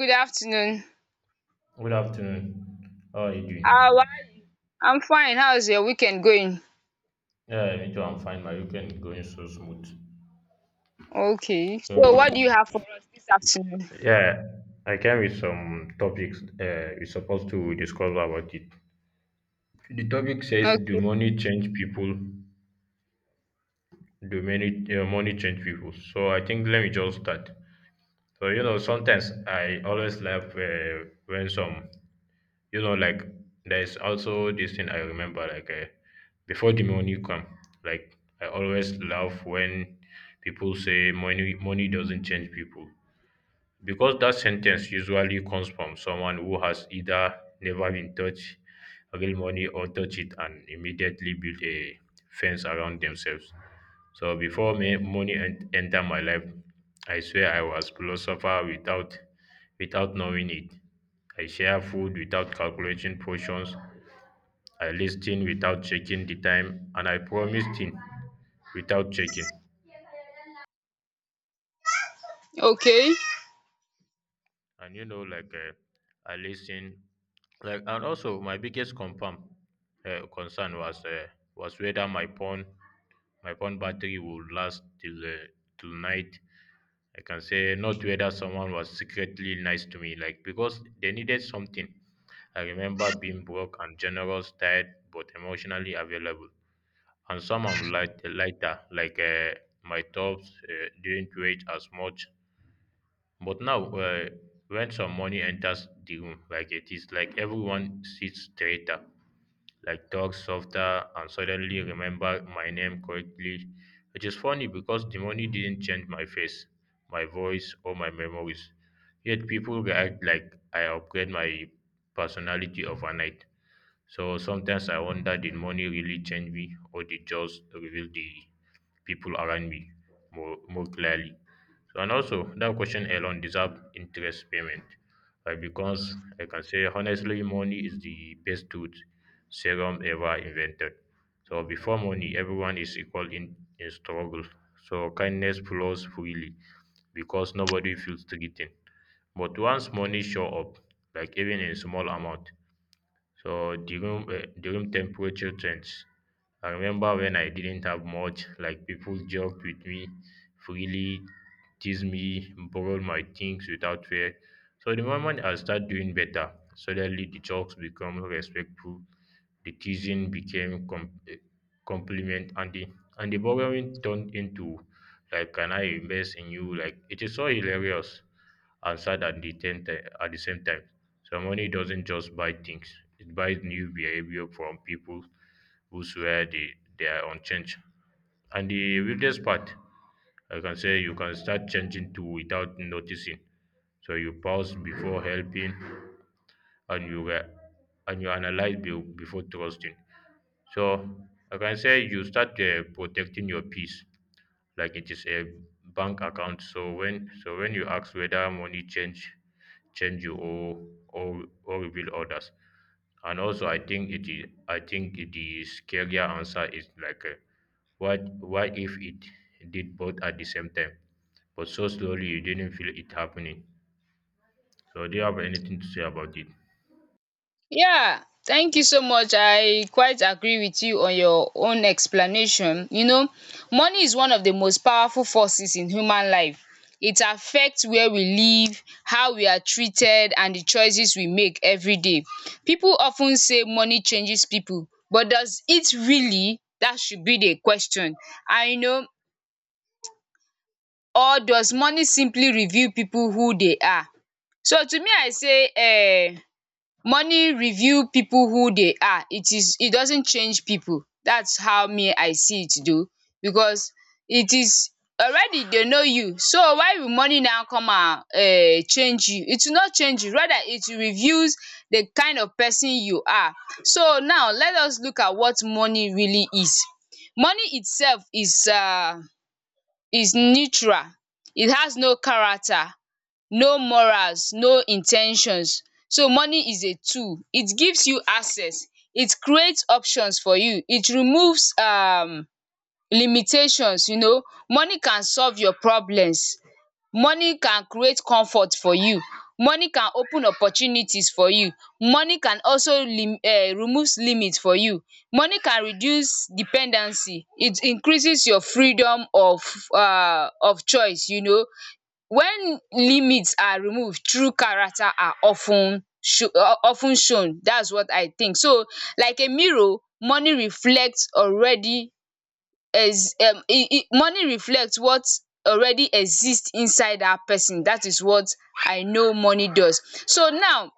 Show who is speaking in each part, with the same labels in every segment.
Speaker 1: Good afternoon.
Speaker 2: Good afternoon. How are you
Speaker 1: How
Speaker 2: doing?
Speaker 1: are I'm fine. How's your weekend going?
Speaker 2: Yeah, me too. I'm fine. My weekend is going so smooth.
Speaker 1: Okay.
Speaker 2: So,
Speaker 1: So what do you have for us this afternoon?
Speaker 2: yeah, I came with some topics, we're supposed to discuss about it. The topic says, do
Speaker 1: Okay.
Speaker 2: money change people? Do money change people? So, I think let me just start. So, sometimes I always laugh when some like there's also this thing I remember like before the money come. Like I always laugh when people say money doesn't change people, because that sentence usually comes from someone who has either never been touched real money, or touch it and immediately build a fence around themselves. So before me, money enter my life, I swear I was philosopher without knowing it. I share food without calculating portions. I listen without checking the time, and I promise things without checking.
Speaker 1: Okay.
Speaker 2: And like I listen, like. And also my biggest confirm concern was, was whether my phone battery would last till night. I can say not whether someone was secretly nice to me, like because they needed something. I remember being broke and generous, tired but emotionally available, and some I'm lighter, like. My thoughts didn't weigh as much. But now, when some money enters the room, like it is like everyone sits straighter, like talks softer, and suddenly remember my name correctly, which is funny because the money didn't change my face, my voice, or my memories. Yet people react like I upgrade my personality overnight. So sometimes I wonder, did money really change me, or did just reveal the people around me more clearly? So, and also that question alone deserve interest payment, right? Because I can say honestly, money is the best tooth serum ever invented. So before money, everyone is equal in struggle. So kindness flows freely because nobody feels threatened. But once money show up, like even in small amount, so the room temperature change. I remember when I didn't have much, like people joked with me freely, teased me, borrowed my things without fear. So the moment I start doing better, suddenly the jokes become respectful. The teasing became compliment, and the borrowing turned into, like, can I invest in you? Like it is so hilarious and sad at the same time. So money doesn't just buy things; it buys new behavior from people who swear they are unchanged. And the weirdest part, I can say you can start changing too without noticing. So you pause before helping, and you analyze before trusting. So, like I can say you start protecting your peace like it is a bank account. So when you ask whether money change you, or reveal others, and also I think the scarier answer is like, what if it did both at the same time, but so slowly you didn't feel it happening. So do you have anything to say about it?
Speaker 1: Yeah. Thank you so much. I quite agree with you on your own explanation. Money is one of the most powerful forces in human life. It affects where we live, how we are treated, and the choices we make every day. People often say money changes people, but does it really? That should be the question. I know, or does money simply reveal people who they are? So to me I say money reveal people who they are, it is, it doesn't change people, that's how me I see it though, because it is already they know you, so why will money now come and change you? It will not change you, rather it reveals the kind of person you are. So now let us look at what money really is. Money itself is neutral. It has no character, no morals, no in ten tions. So money is a tool. It gives you access. It creates options for you. It removes limitations. Money can solve your problems. Money can create comfort for you. Money can open opportunities for you. Money can also lim removes limit for you. Money can reduce dependency. It increases your freedom of, of choice. When limits are removed, true character are of ten shown. That's what I think. So like a mirror, money reflects already ex e e money reflect what already exist inside dat person, dat is what I know money does. So now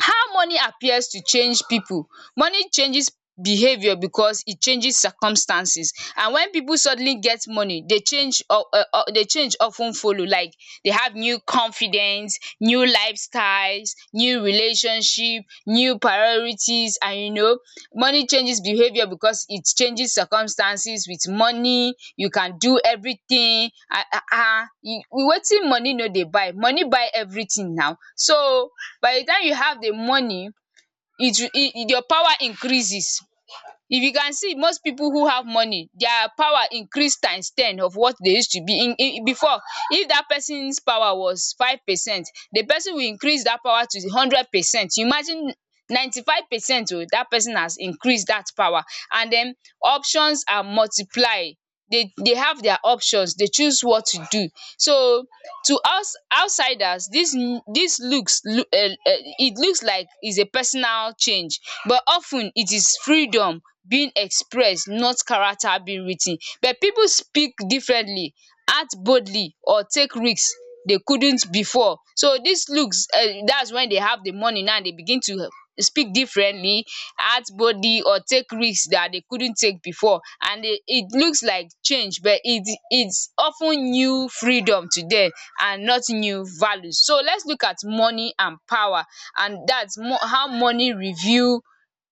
Speaker 1: how money appears to change pipu. Money changes behaviour because e changes circumstances, and when pipu suddenly get money, dey change of ten follow, like dey have new confidence, new lifestyles, new relationship, new priorities, and money changes behaviour because it changes circumstances. With money you can do everything. Ah, wetin money no dey buy, money buy everything now. So by the time you have the money, it your power increases. If you can see, most people who have money, their power increase times 10 of what they used to be in before. If that person's power was 5%, the person will increase that power to 100%, imagine. 95% o that person has increased that power. And then options are multiply, they have their options, they choose what to do. So to outsiders, this looks it looks like is a personal change, but of ten it is freedom being expressed, not character being writ ten, but people speak differently, act boldly, or take risk they couldn't before. So this looks that's when they have the money now they begin to speak differently, act boldly, or take risks that they couldn't take before, and they, it looks like change, but it's often new freedom to them, and not new values. So let's look at money and power, and that's how money review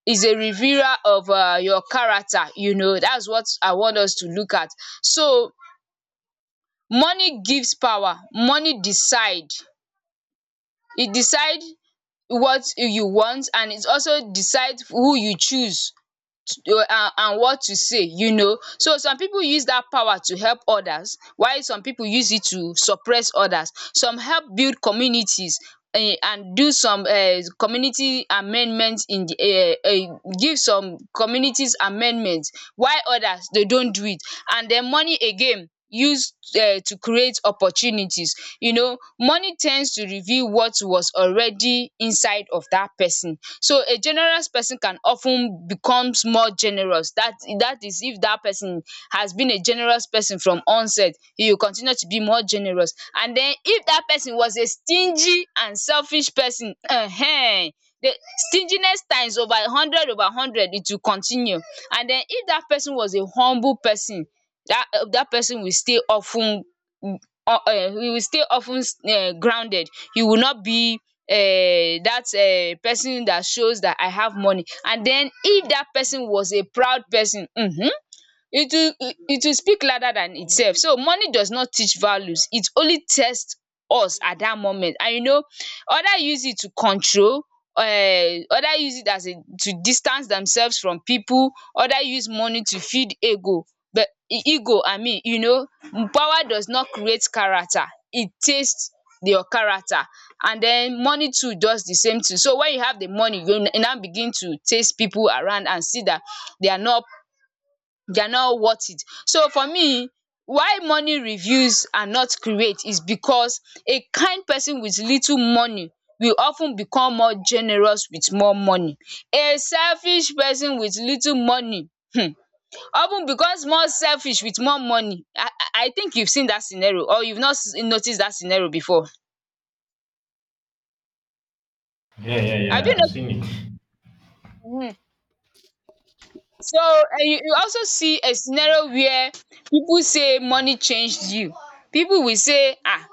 Speaker 1: is a revealer of your character, that's what I want us to look at. So money gives power, money decide, e decide what you want, and it also decide who you choose, and what to say, you know. So some people use that power to help others, while some people use it to suppress others. Some help build communities, and do some community amendment in the give some communities amendment, while others they don't do it. And then money again used to create opportunities. Money tends to reveal what was already inside of that person. So a generous person can often becomes more generous, that is if that person has been a generous person from onset, he will continue to be more generous. And then if that person was a stingy and selfish person, the stinginess times over 100 over 100, it will continue. And then if that person was a humble person, that person will stay often, mm, uh, uh, you will stay often grounded. You will not be uh, that person that shows that I have money. And then if that person was a proud person, it it will speak louder than itself. So money does not teach values, it only tests us at that moment. And you know Other use it to control, other use it as a to distance themselves from people, other use money to feed ego. But ego, I mean, power does not create character, it taste your character. And then money too does the same thing. So when you have the money, you now begin to taste people around and see that they are not, they are not worth it. So for me, why money reviews are not create is because a kind person with little money will of ten become more generous with more money. A selfish person with little money um of ten becomes more selfish with more money. I think you've seen that scenario, or you've not notice that scenario before.
Speaker 2: Yeah, yeah,
Speaker 1: Have
Speaker 2: yeah.
Speaker 1: you
Speaker 2: I've seen it.
Speaker 1: notice, so, and you also see a scenario where pipu say money changed you. Pipu will say, um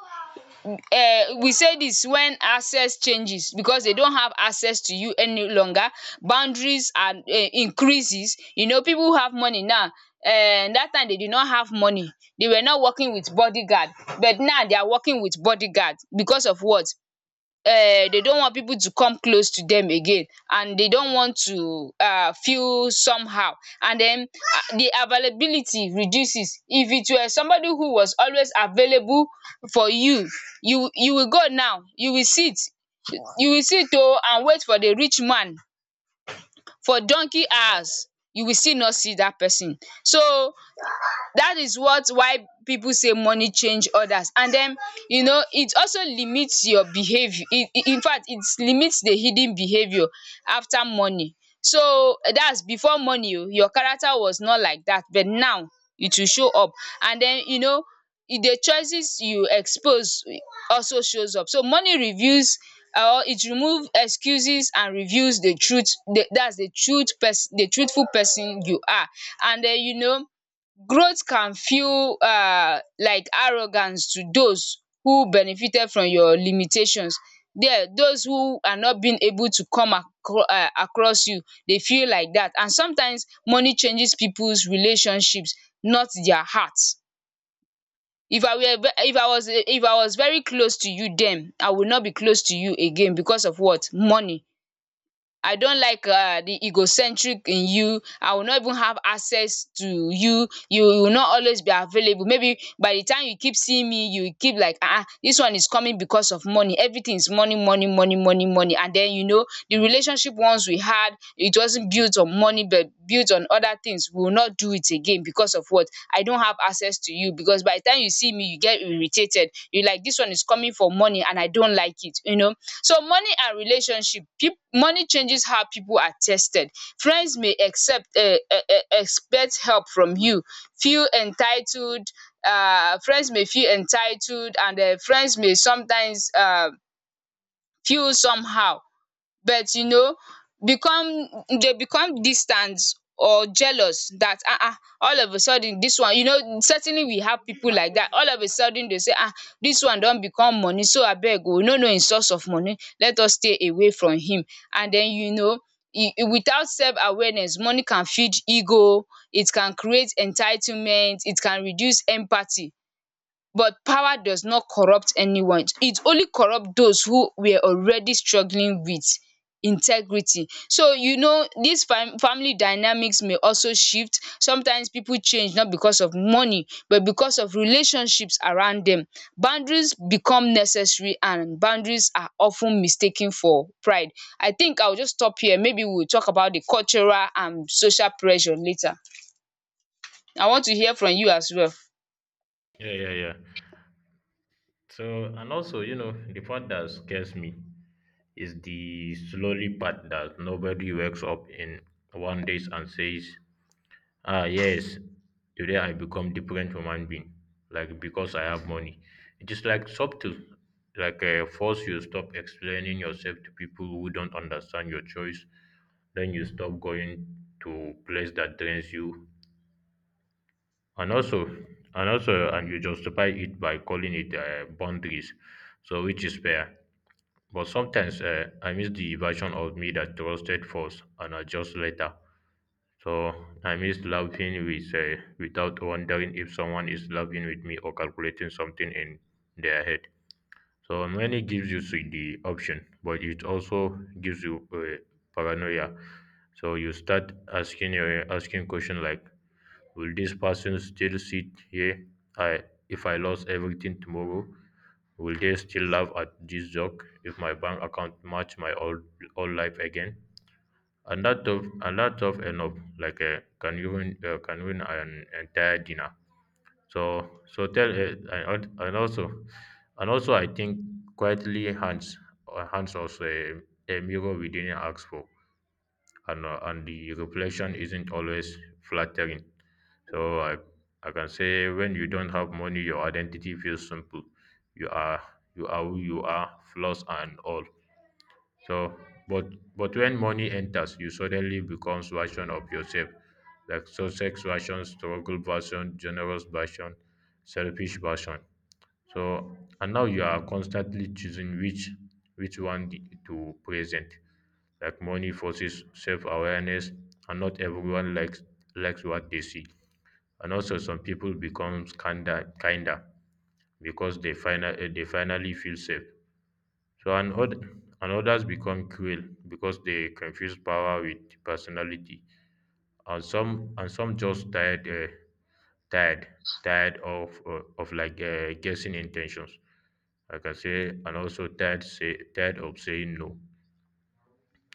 Speaker 1: um we say this when access changes because they don't have access to you any longer. Boundaries are increases. You know people who have money now, that time they did not have money. They were not working with bodyguard, but now they are working with bodyguard because of what? um they don't want people to come close to them again, and they don't want to feel somehow. And then the availability reduces. If it were somebody who was always available for you, you will go. Now you will sit, oo, and wait for the rich man for donkey hours, you will still not see that person. So that is what why people say money change others. And then you know It also limits your behavior. In fact, it limits the hidden behavior after money. So that's before money o, your character was not like that, but now it will show up. And then you know The choices you expose also shows up. So money reveals, or it removes excuses and reveals the truth. That's the the truthful person you are. And then you know Growth can feel, like arrogance to those who benefited from your limitations. There, those who are not being able to come across you, they feel like that. And sometimes money changes people's relationships, not their heart. If I were if I was very close to you then, I would not be close to you again because of what? Money. I don't like the egocentric in you. I will not even have access to you. You will not always be available. Maybe by the time you keep seeing me, you keep like, ah, ah, this one is coming because of money. Everything is money money money money money. And then you know The relationship once we had, it wasn't built on money, but built on other things. We will not do it again because of what? I don't have access to you, because by the time you see me, you get irritated. You're like, this one is coming for money and I don't like it. So money and relationship, people, money changes how people are tested. Friends may accept expect help from you, feel entitled. Friends may feel entitled, and friends may sometimes feel somehow. But you know become Dey become distant or jealous that all of a sudden dis one, certainly we have pipu like dat, all of a sudden dey say, dis one don become money, so abeg oo we no know im source of money, let us stay away from him. And den you know e e Without self awareness money can feed ego, it can create entitlement, it can reduce empathy. But power does not corrupt anyone. It only corrupt those who were already struggling with integrity. Dis family dynamics may also shift. Sometimes people change not because of money, but because of relationships around them. Boundaries become necessary, and boundaries are often mistaken for pride. I think I will just stop here. Maybe we will talk about the cultural and social pressure later. I want to hear from you as well.
Speaker 2: Yeah, yeah, yeah. So, and also, the part that scares me is the slowly part, that nobody wakes up in one day and says, ah, yes, today I become different human being, like, because I have money. It is like subtle, like, force you stop explaining yourself to people who don't understand your choice. Then you stop going to place that drains you, and also, and you justify it by calling it boundaries, so, which is fair. But sometimes I miss the version of me that trusted first and adjust later. So I miss laughing without wondering if someone is laughing with me, or calculating something in their head. So money gives you the option, but it also gives you paranoia. So you start asking question, like, will this person still sit here if I lost everything tomorrow? Will they still laugh at this joke, if my bank account match my old life again? And that of, and that of enough, like, can win an entire dinner. So so tell, and, and also and also, I think quietly hands also a mirror we didn't ask for, and the reflection isn't always flattering. So I can say when you don't have money, your identity feels simple. You are you are who you are, flaws and all. So, but but when money enters, you suddenly becomes version of yourself. Like success version, struggle version, generous version, selfish version. So and now you are constantly choosing which one to present. Like money forces self awareness, and not everyone likes what they see. And also, some people become kinder because they finally feel safe. So and others become cruel because they confuse power with personality. And some just tired, tired of, guessing intentions. Like I say, and also tired of saying no.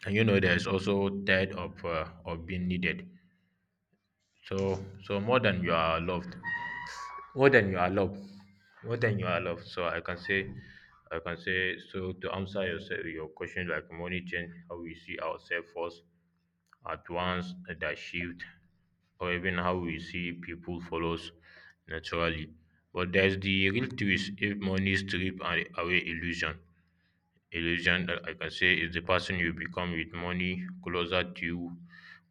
Speaker 2: And there's also tired of being needed. So more than you are loved, more than you allow, so I can say so, to answer your question, like money change how we see ourselves first at once, that shift, or even how we see people follows naturally. But there's the real twist: if money strip away illusion, that I can say, is the person you become with money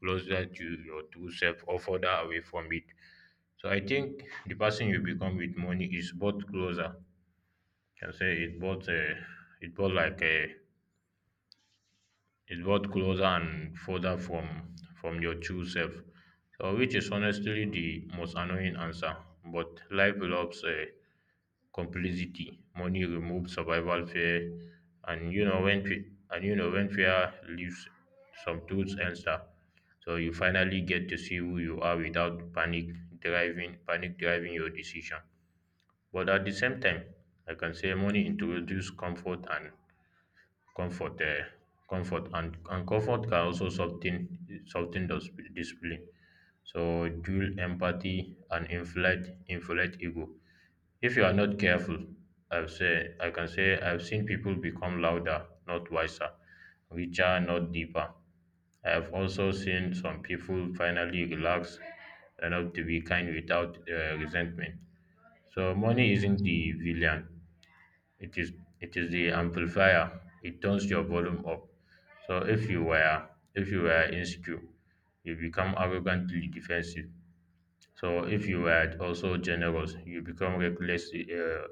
Speaker 2: closer to your true self, or further away from it? So I think the person you become with money is both closer. Can say it both like uh, it both closer and further from your true self. So which is honestly the most annoying answer. But life loves, complicity. Money removes survival fear, and you know when fear leaves, some truths and stuff. So you finally get to see who you are without panic driving your decision. But at the same time, I can say money introduce comfort, uh, comfort and comfort can also soften those discipline. So dual empathy and inflate ego. If you are not careful, I've say I can say I've seen people become louder, not wiser, richer, not deeper. I have also seen some people finally relax enough to be kind without resentment. So money isn't the villain. It is it is the amplifier. It turns your volume up. So if you were insecure, you become arrogantly defensive. So if you were also generous, you become recklessly uh,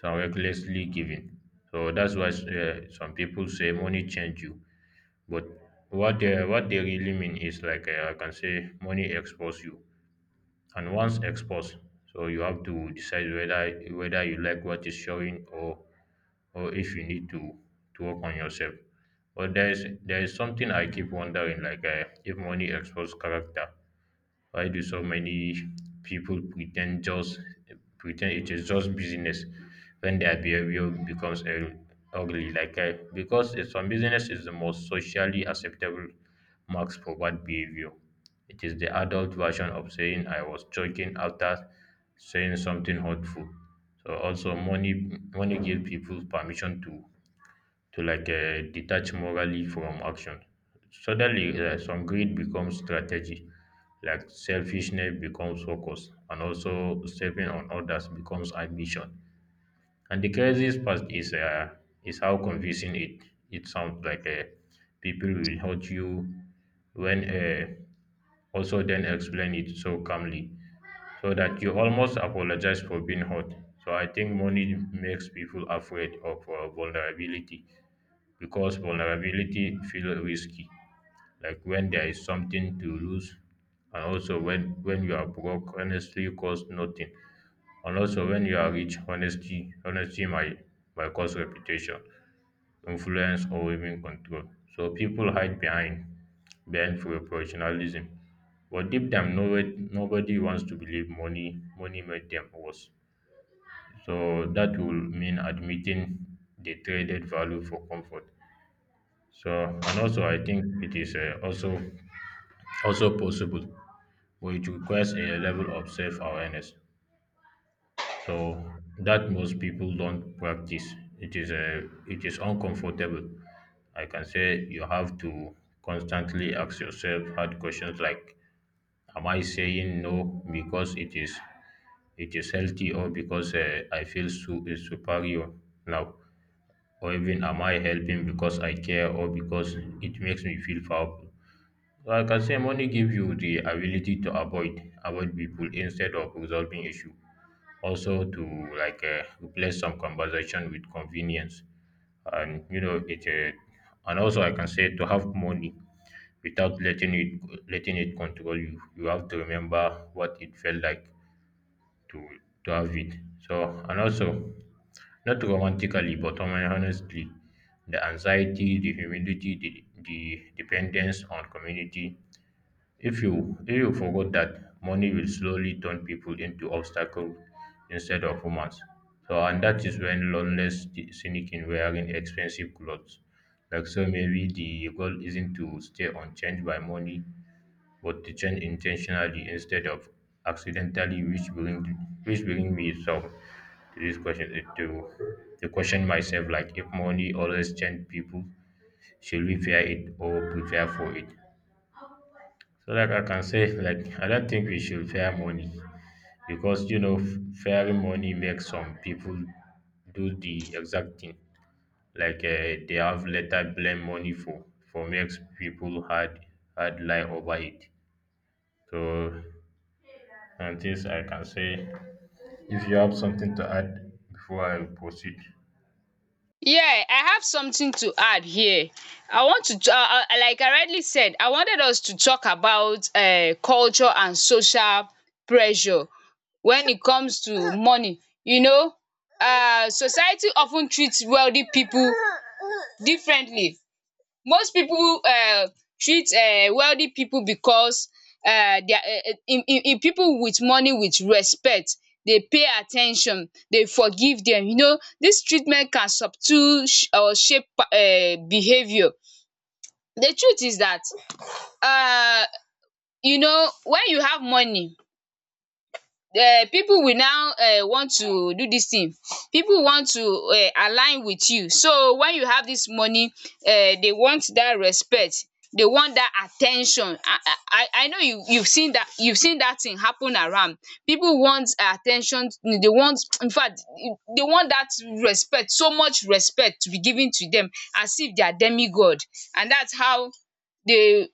Speaker 2: so recklessly giving. So that's why, some people say money change you, but what they really mean is, like, I can say money expose you, and once exposed, so you have to decide whether you like what is showing, or if you need to work on yourself. But there is something I keep wondering, like, if money exposes character, why do so many people pretend it is just business when their behavior becomes ugly? Like, because it's some business is the most socially acceptable marks for bad behavior. It is the adult version of saying I was joking after saying something hurtful. So also money gives people permission to like, detach morally from action. Suddenly, some greed becomes strategy, like selfishness becomes focus, and also stepping on others becomes ambition. And the craziest part is how confusing it sounds. Like, people will hurt you when, also then explain it so calmly, so that you almost apologize for being hurt. So I think money makes people afraid of vulnerability, because vulnerability feels risky, like when there is something to lose. And also when, you are broke, honesty costs nothing. And also when you are rich, honesty might cause reputation, influence, or even control. So people hide behind professionalism. But deep down, nobody wants to believe money made them worse. So that will mean admitting they traded value for comfort. So and also I think it is, also possible, which requires a level of self awareness. So that most people don't practice. It is uncomfortable. I can say you have to constantly ask yourself hard questions, like, "Am I saying no because it is healthy, or because, I feel is superior now, or even, am I helping because I care, or because it makes me feel powerful? Like I say, money gives you the ability to avoid people instead of resolving issue. Also, to replace some conversation with convenience, and you know it. And also, I can say to have money without letting it control you. You have to remember what it felt like to to have it. So, and also not romantically, but honestly, the anxiety, the humility, the dependence on community if you forgot that money will slowly turn people into obstacles instead of humans. So and that is when sneak in wearing expensive clothes. Like so maybe the goal isn't to stay unchanged by money, but to change intentionally instead of accidentally, which bring me to this question, to question myself like if money always change people, should we fear it or prepare for it? So, like I can say, like I don't think we should fear money because you know fearing money makes some people do the exact thing. They have later blame money for makes people hard lie over it. So, and this I can say, if you have something to add before I proceed.
Speaker 1: Yeah, I have something to add here. I want to t- Like I rightly said, I wanted us to talk about culture and social pressure when it comes to money. You know, society often treats wealthy people differently. Most people treat wealthy people because their people with money with respect. They pay at ten tion, they forgive dem. You know dis treatment can subdue sh- or shape behaviour. The truth is dat um you know when you have money, pipu will now want to do dis thing. Pipu want to align with you, so when you have dis money, they want dat respect, they want dat at ten tion. I know you've seen dat, you've seen dat thing happen around. Pipu want at ten tion, they want, infact, they want dat respect, so much respect to be given to dem, as if they are demi god. And dats how they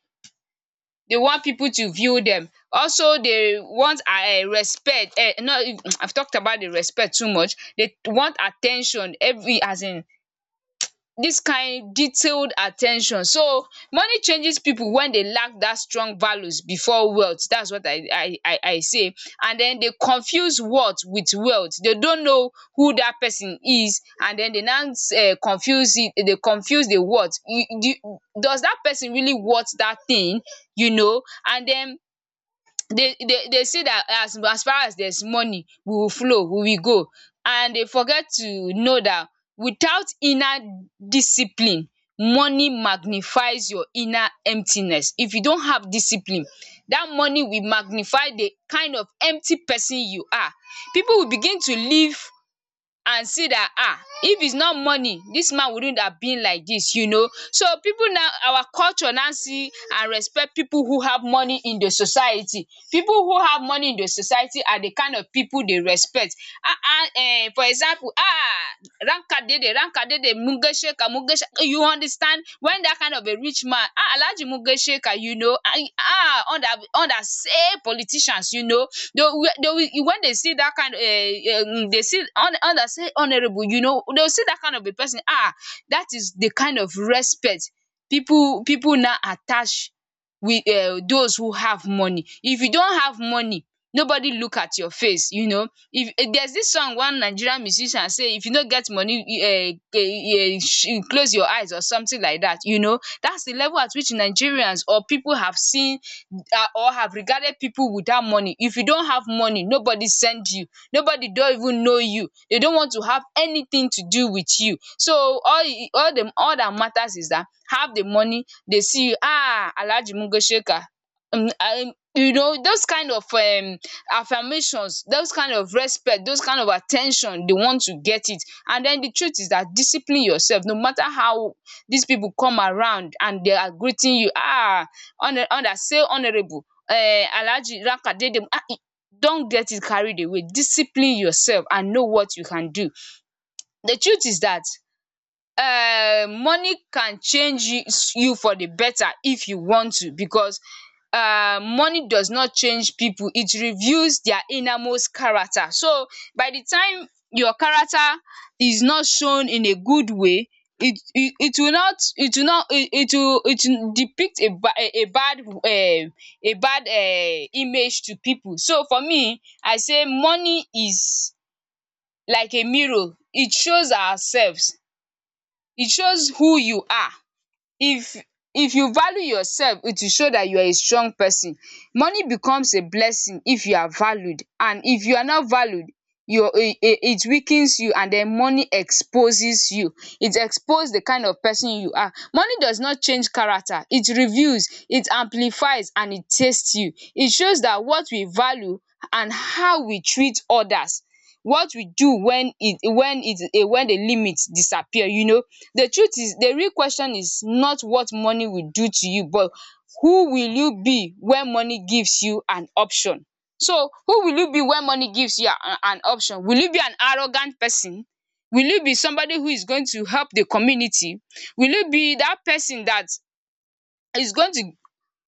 Speaker 1: They want people to view them. Also, they want respect, no I've talked about the respect too much. They want attention, every, as in, dis kain detailed at ten tion. So money changes pipu wen dey lack dat strong values before wealth. Dats what I say, and den dey confuse worth wit wealth. Dey don't know who dat pesin is, and den dey now confuse it, dey confuse di worth. Does dat pesin really worth dat thing, you know? And den they say that, as far as there's money, we will flow, we will go, and they forget to know that without inner discipline, money magnifies your inner emptiness. If you don't have discipline, that money will magnify the kind of empty person you are. People will begin to live and see dat if it's not money, dis man wouldn't have been like dis, you know. So pipu now, our culture now see and respect pipu who have money in the society. Pipu who have money in the society are the kind of pipu they respect. For example, Rankadede, Rankadede, Mugesheka, Mugeshe. You understand? When that kind of a rich man, ah, Alaji Mugesheka, you know, ah, ah, under under say politicians, you know, they, when they see that kind of, they see under say honorable, you know, they'll see that kind of a person. Ah, that is the kind of respect people now attach with those who have money. If you don't have money, nobody look at your face, you know. If, there's this song, one Nigerian musician say, if you no get money, close your eyes or something like that, you know. That's the level at which Nigerians or people have seen, or have regarded people without money. If you don't have money, nobody send you, nobody don't even know you, they don't want to have anything to do with you. So all them, all that matters is that have the money. They see you, ah, Alhaji Mugo Sheka. You know, those kind of affirmations, those kind of respect, those kind of at ten tion, they want to get it. And then the truth is that, discipline yourself, no matter how these people come around and they are greeting you, say honourable, Alhaji Lakadede, don't get it carried away. Discipline yourself and know what you can do. The truth is that money can change you for the better if you want to, because money does not change people, it reveals their innermost character. So by the time your character is not shown in a good way, it will not it will not it it will depict a bad image to people. So for me, I say money is like a mirror, it shows ourselves. It shows who you are. If if you value yourself, it will show that you are a strong person. Money becomes a blessing if you are valued, and if you are not valued, your it it weakens you, and then money exposes you. It expose the kind of person you are. Money does not change character. It reveals, it amplifies, and it tastes you. It shows that what we value and how we treat others, what we do when when the limit disappear, you know. The truth is, the real question is not what money will do to you, but who will you be when money gives you an option. So who will you be when money gives you an option? Will you be an arrogant person? Will you be somebody who is going to help the community? Will you be that person that is going to,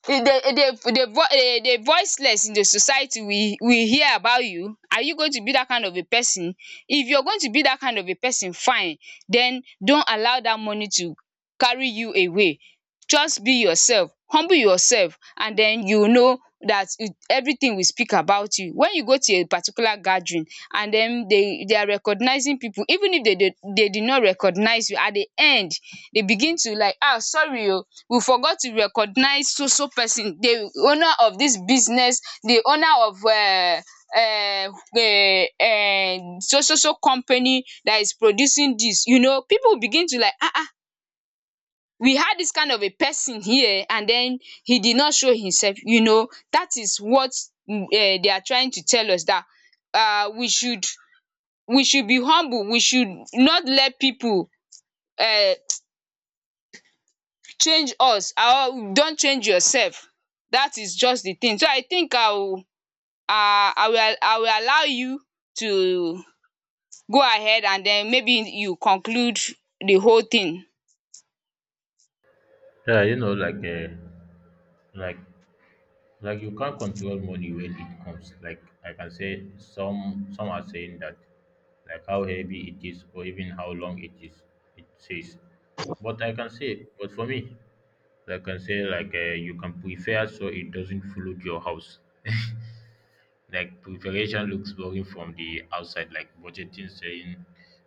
Speaker 1: the voiceless in the society will hear about you. Are you going to be that kind of a person? If you're going to be that kind of a person, fine. Then don't allow that money to carry you away. Just be yourself. Humble yourself, and then you will know that, everything will speak about you. When you go to a particular gathering, and then they are recognizing people, even if they did not recognize you, at the end, they begin to like, “Ah, sorry o. We forget to recognize so so person, the owner of this business, the owner of so so so company that is producing this, you know.” People begin to like, we had this kind of a person here and then he did not show himself, you know. That is what they are trying to tell us, that um we should we should be humble, we should not let people um change us, or you don change yourself. That is just the thing. So I think I will, I will allow you to go ahead and then maybe you conclude the whole thing.
Speaker 2: Yeah, you know, like like you can't control money when it comes. Like I can say some are saying that like how heavy it is or even how long it is it says. But I can say but for me, I can say you can prepare so it doesn't flood your house. Like preparation looks boring from the outside, like budgeting saying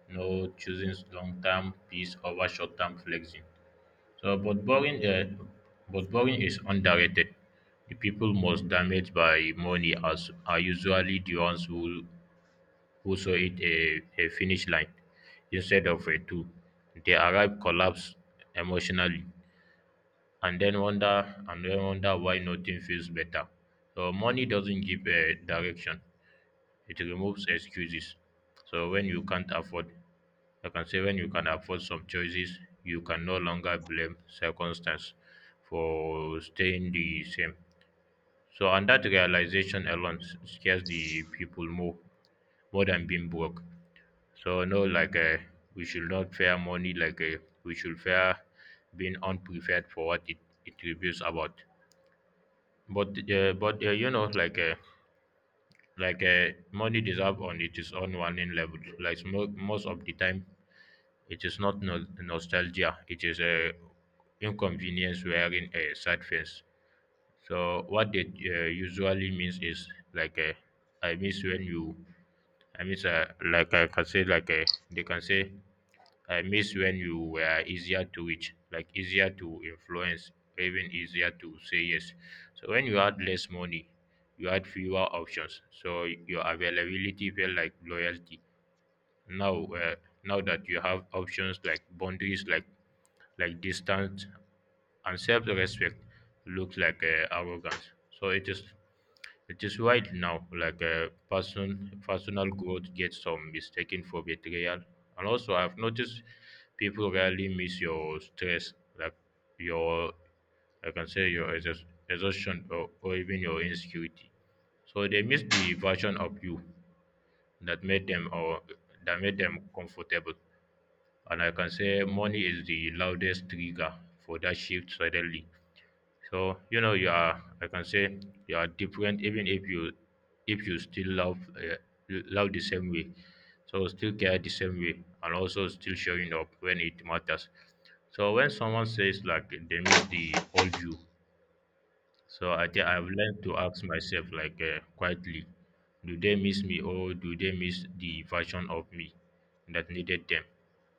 Speaker 2: no, choosing long term peace over short term flexing. So, but boring is underrated. The people most damaged by money are, are usually the ones who saw it a finish line instead of a tool. They arrive collapse emotionally and then wonder why nothing feels better. So money doesn't give a direction; it removes excuses. So when you can't afford I can say when you can afford some choices, you can no longer blame circumstance for staying the same. So, and that realization alone scares the people more, more than being broke. So, no, we should not fear money, we should fear being unprepared for what it reveals about. But, you know, money deserve on its own warning level. Like most of the time, it is not nostalgia. It is a inconvenience wearing a sad face. So what they usually means is like uh, I miss when you I miss like I can say they can say I miss when you were easier to reach, like easier to influence, even easier to say yes. So when you had less money, you had fewer options. So your availability felt like loyalty. Now uh, now that you have options like boundaries like distance and self-respect looks like arrogance, so it is right now like a personal growth gets some mistaken for betrayal. And also I've noticed people rarely miss your stress, like your, I can say your exhaustion or even your insecurity. So they miss the version of you that made them or that made them comfortable. And I can say money is the loudest trigger for that shift suddenly. So you know you are, I can say you are different even if you still love love the same way. So still care the same way and also still showing up when it matters. So when someone says like they miss the old you, so I think I've learned to ask myself, like, quietly, do they miss me or do they miss the version of me that needed them?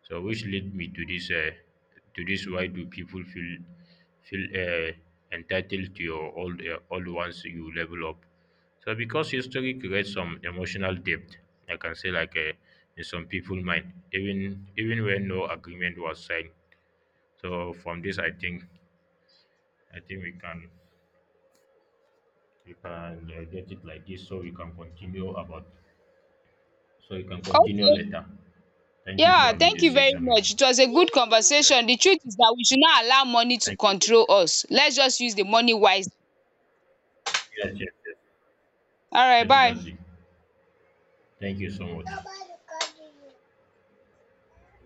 Speaker 2: So, which led me to to this. Why do people feel entitled to your old ones you level up? So, because history creates some emotional depth, I can say, in some people' mind, even when no agreement was signed. So, from this, I think we can you can get it like this so we can continue about so you can continue
Speaker 1: Okay,
Speaker 2: later. Thank you for
Speaker 1: yeah,
Speaker 2: having
Speaker 1: thank
Speaker 2: this
Speaker 1: you very
Speaker 2: session with
Speaker 1: much.
Speaker 2: you.
Speaker 1: It was a good
Speaker 2: Yeah,
Speaker 1: conversation. The truth is that we should not allow money to
Speaker 2: thank you.
Speaker 1: control us. Let's just use the money wisely.
Speaker 2: Yes, yes, yes,
Speaker 1: Alright,
Speaker 2: yes,
Speaker 1: bye.
Speaker 2: that's it. Thank you so much.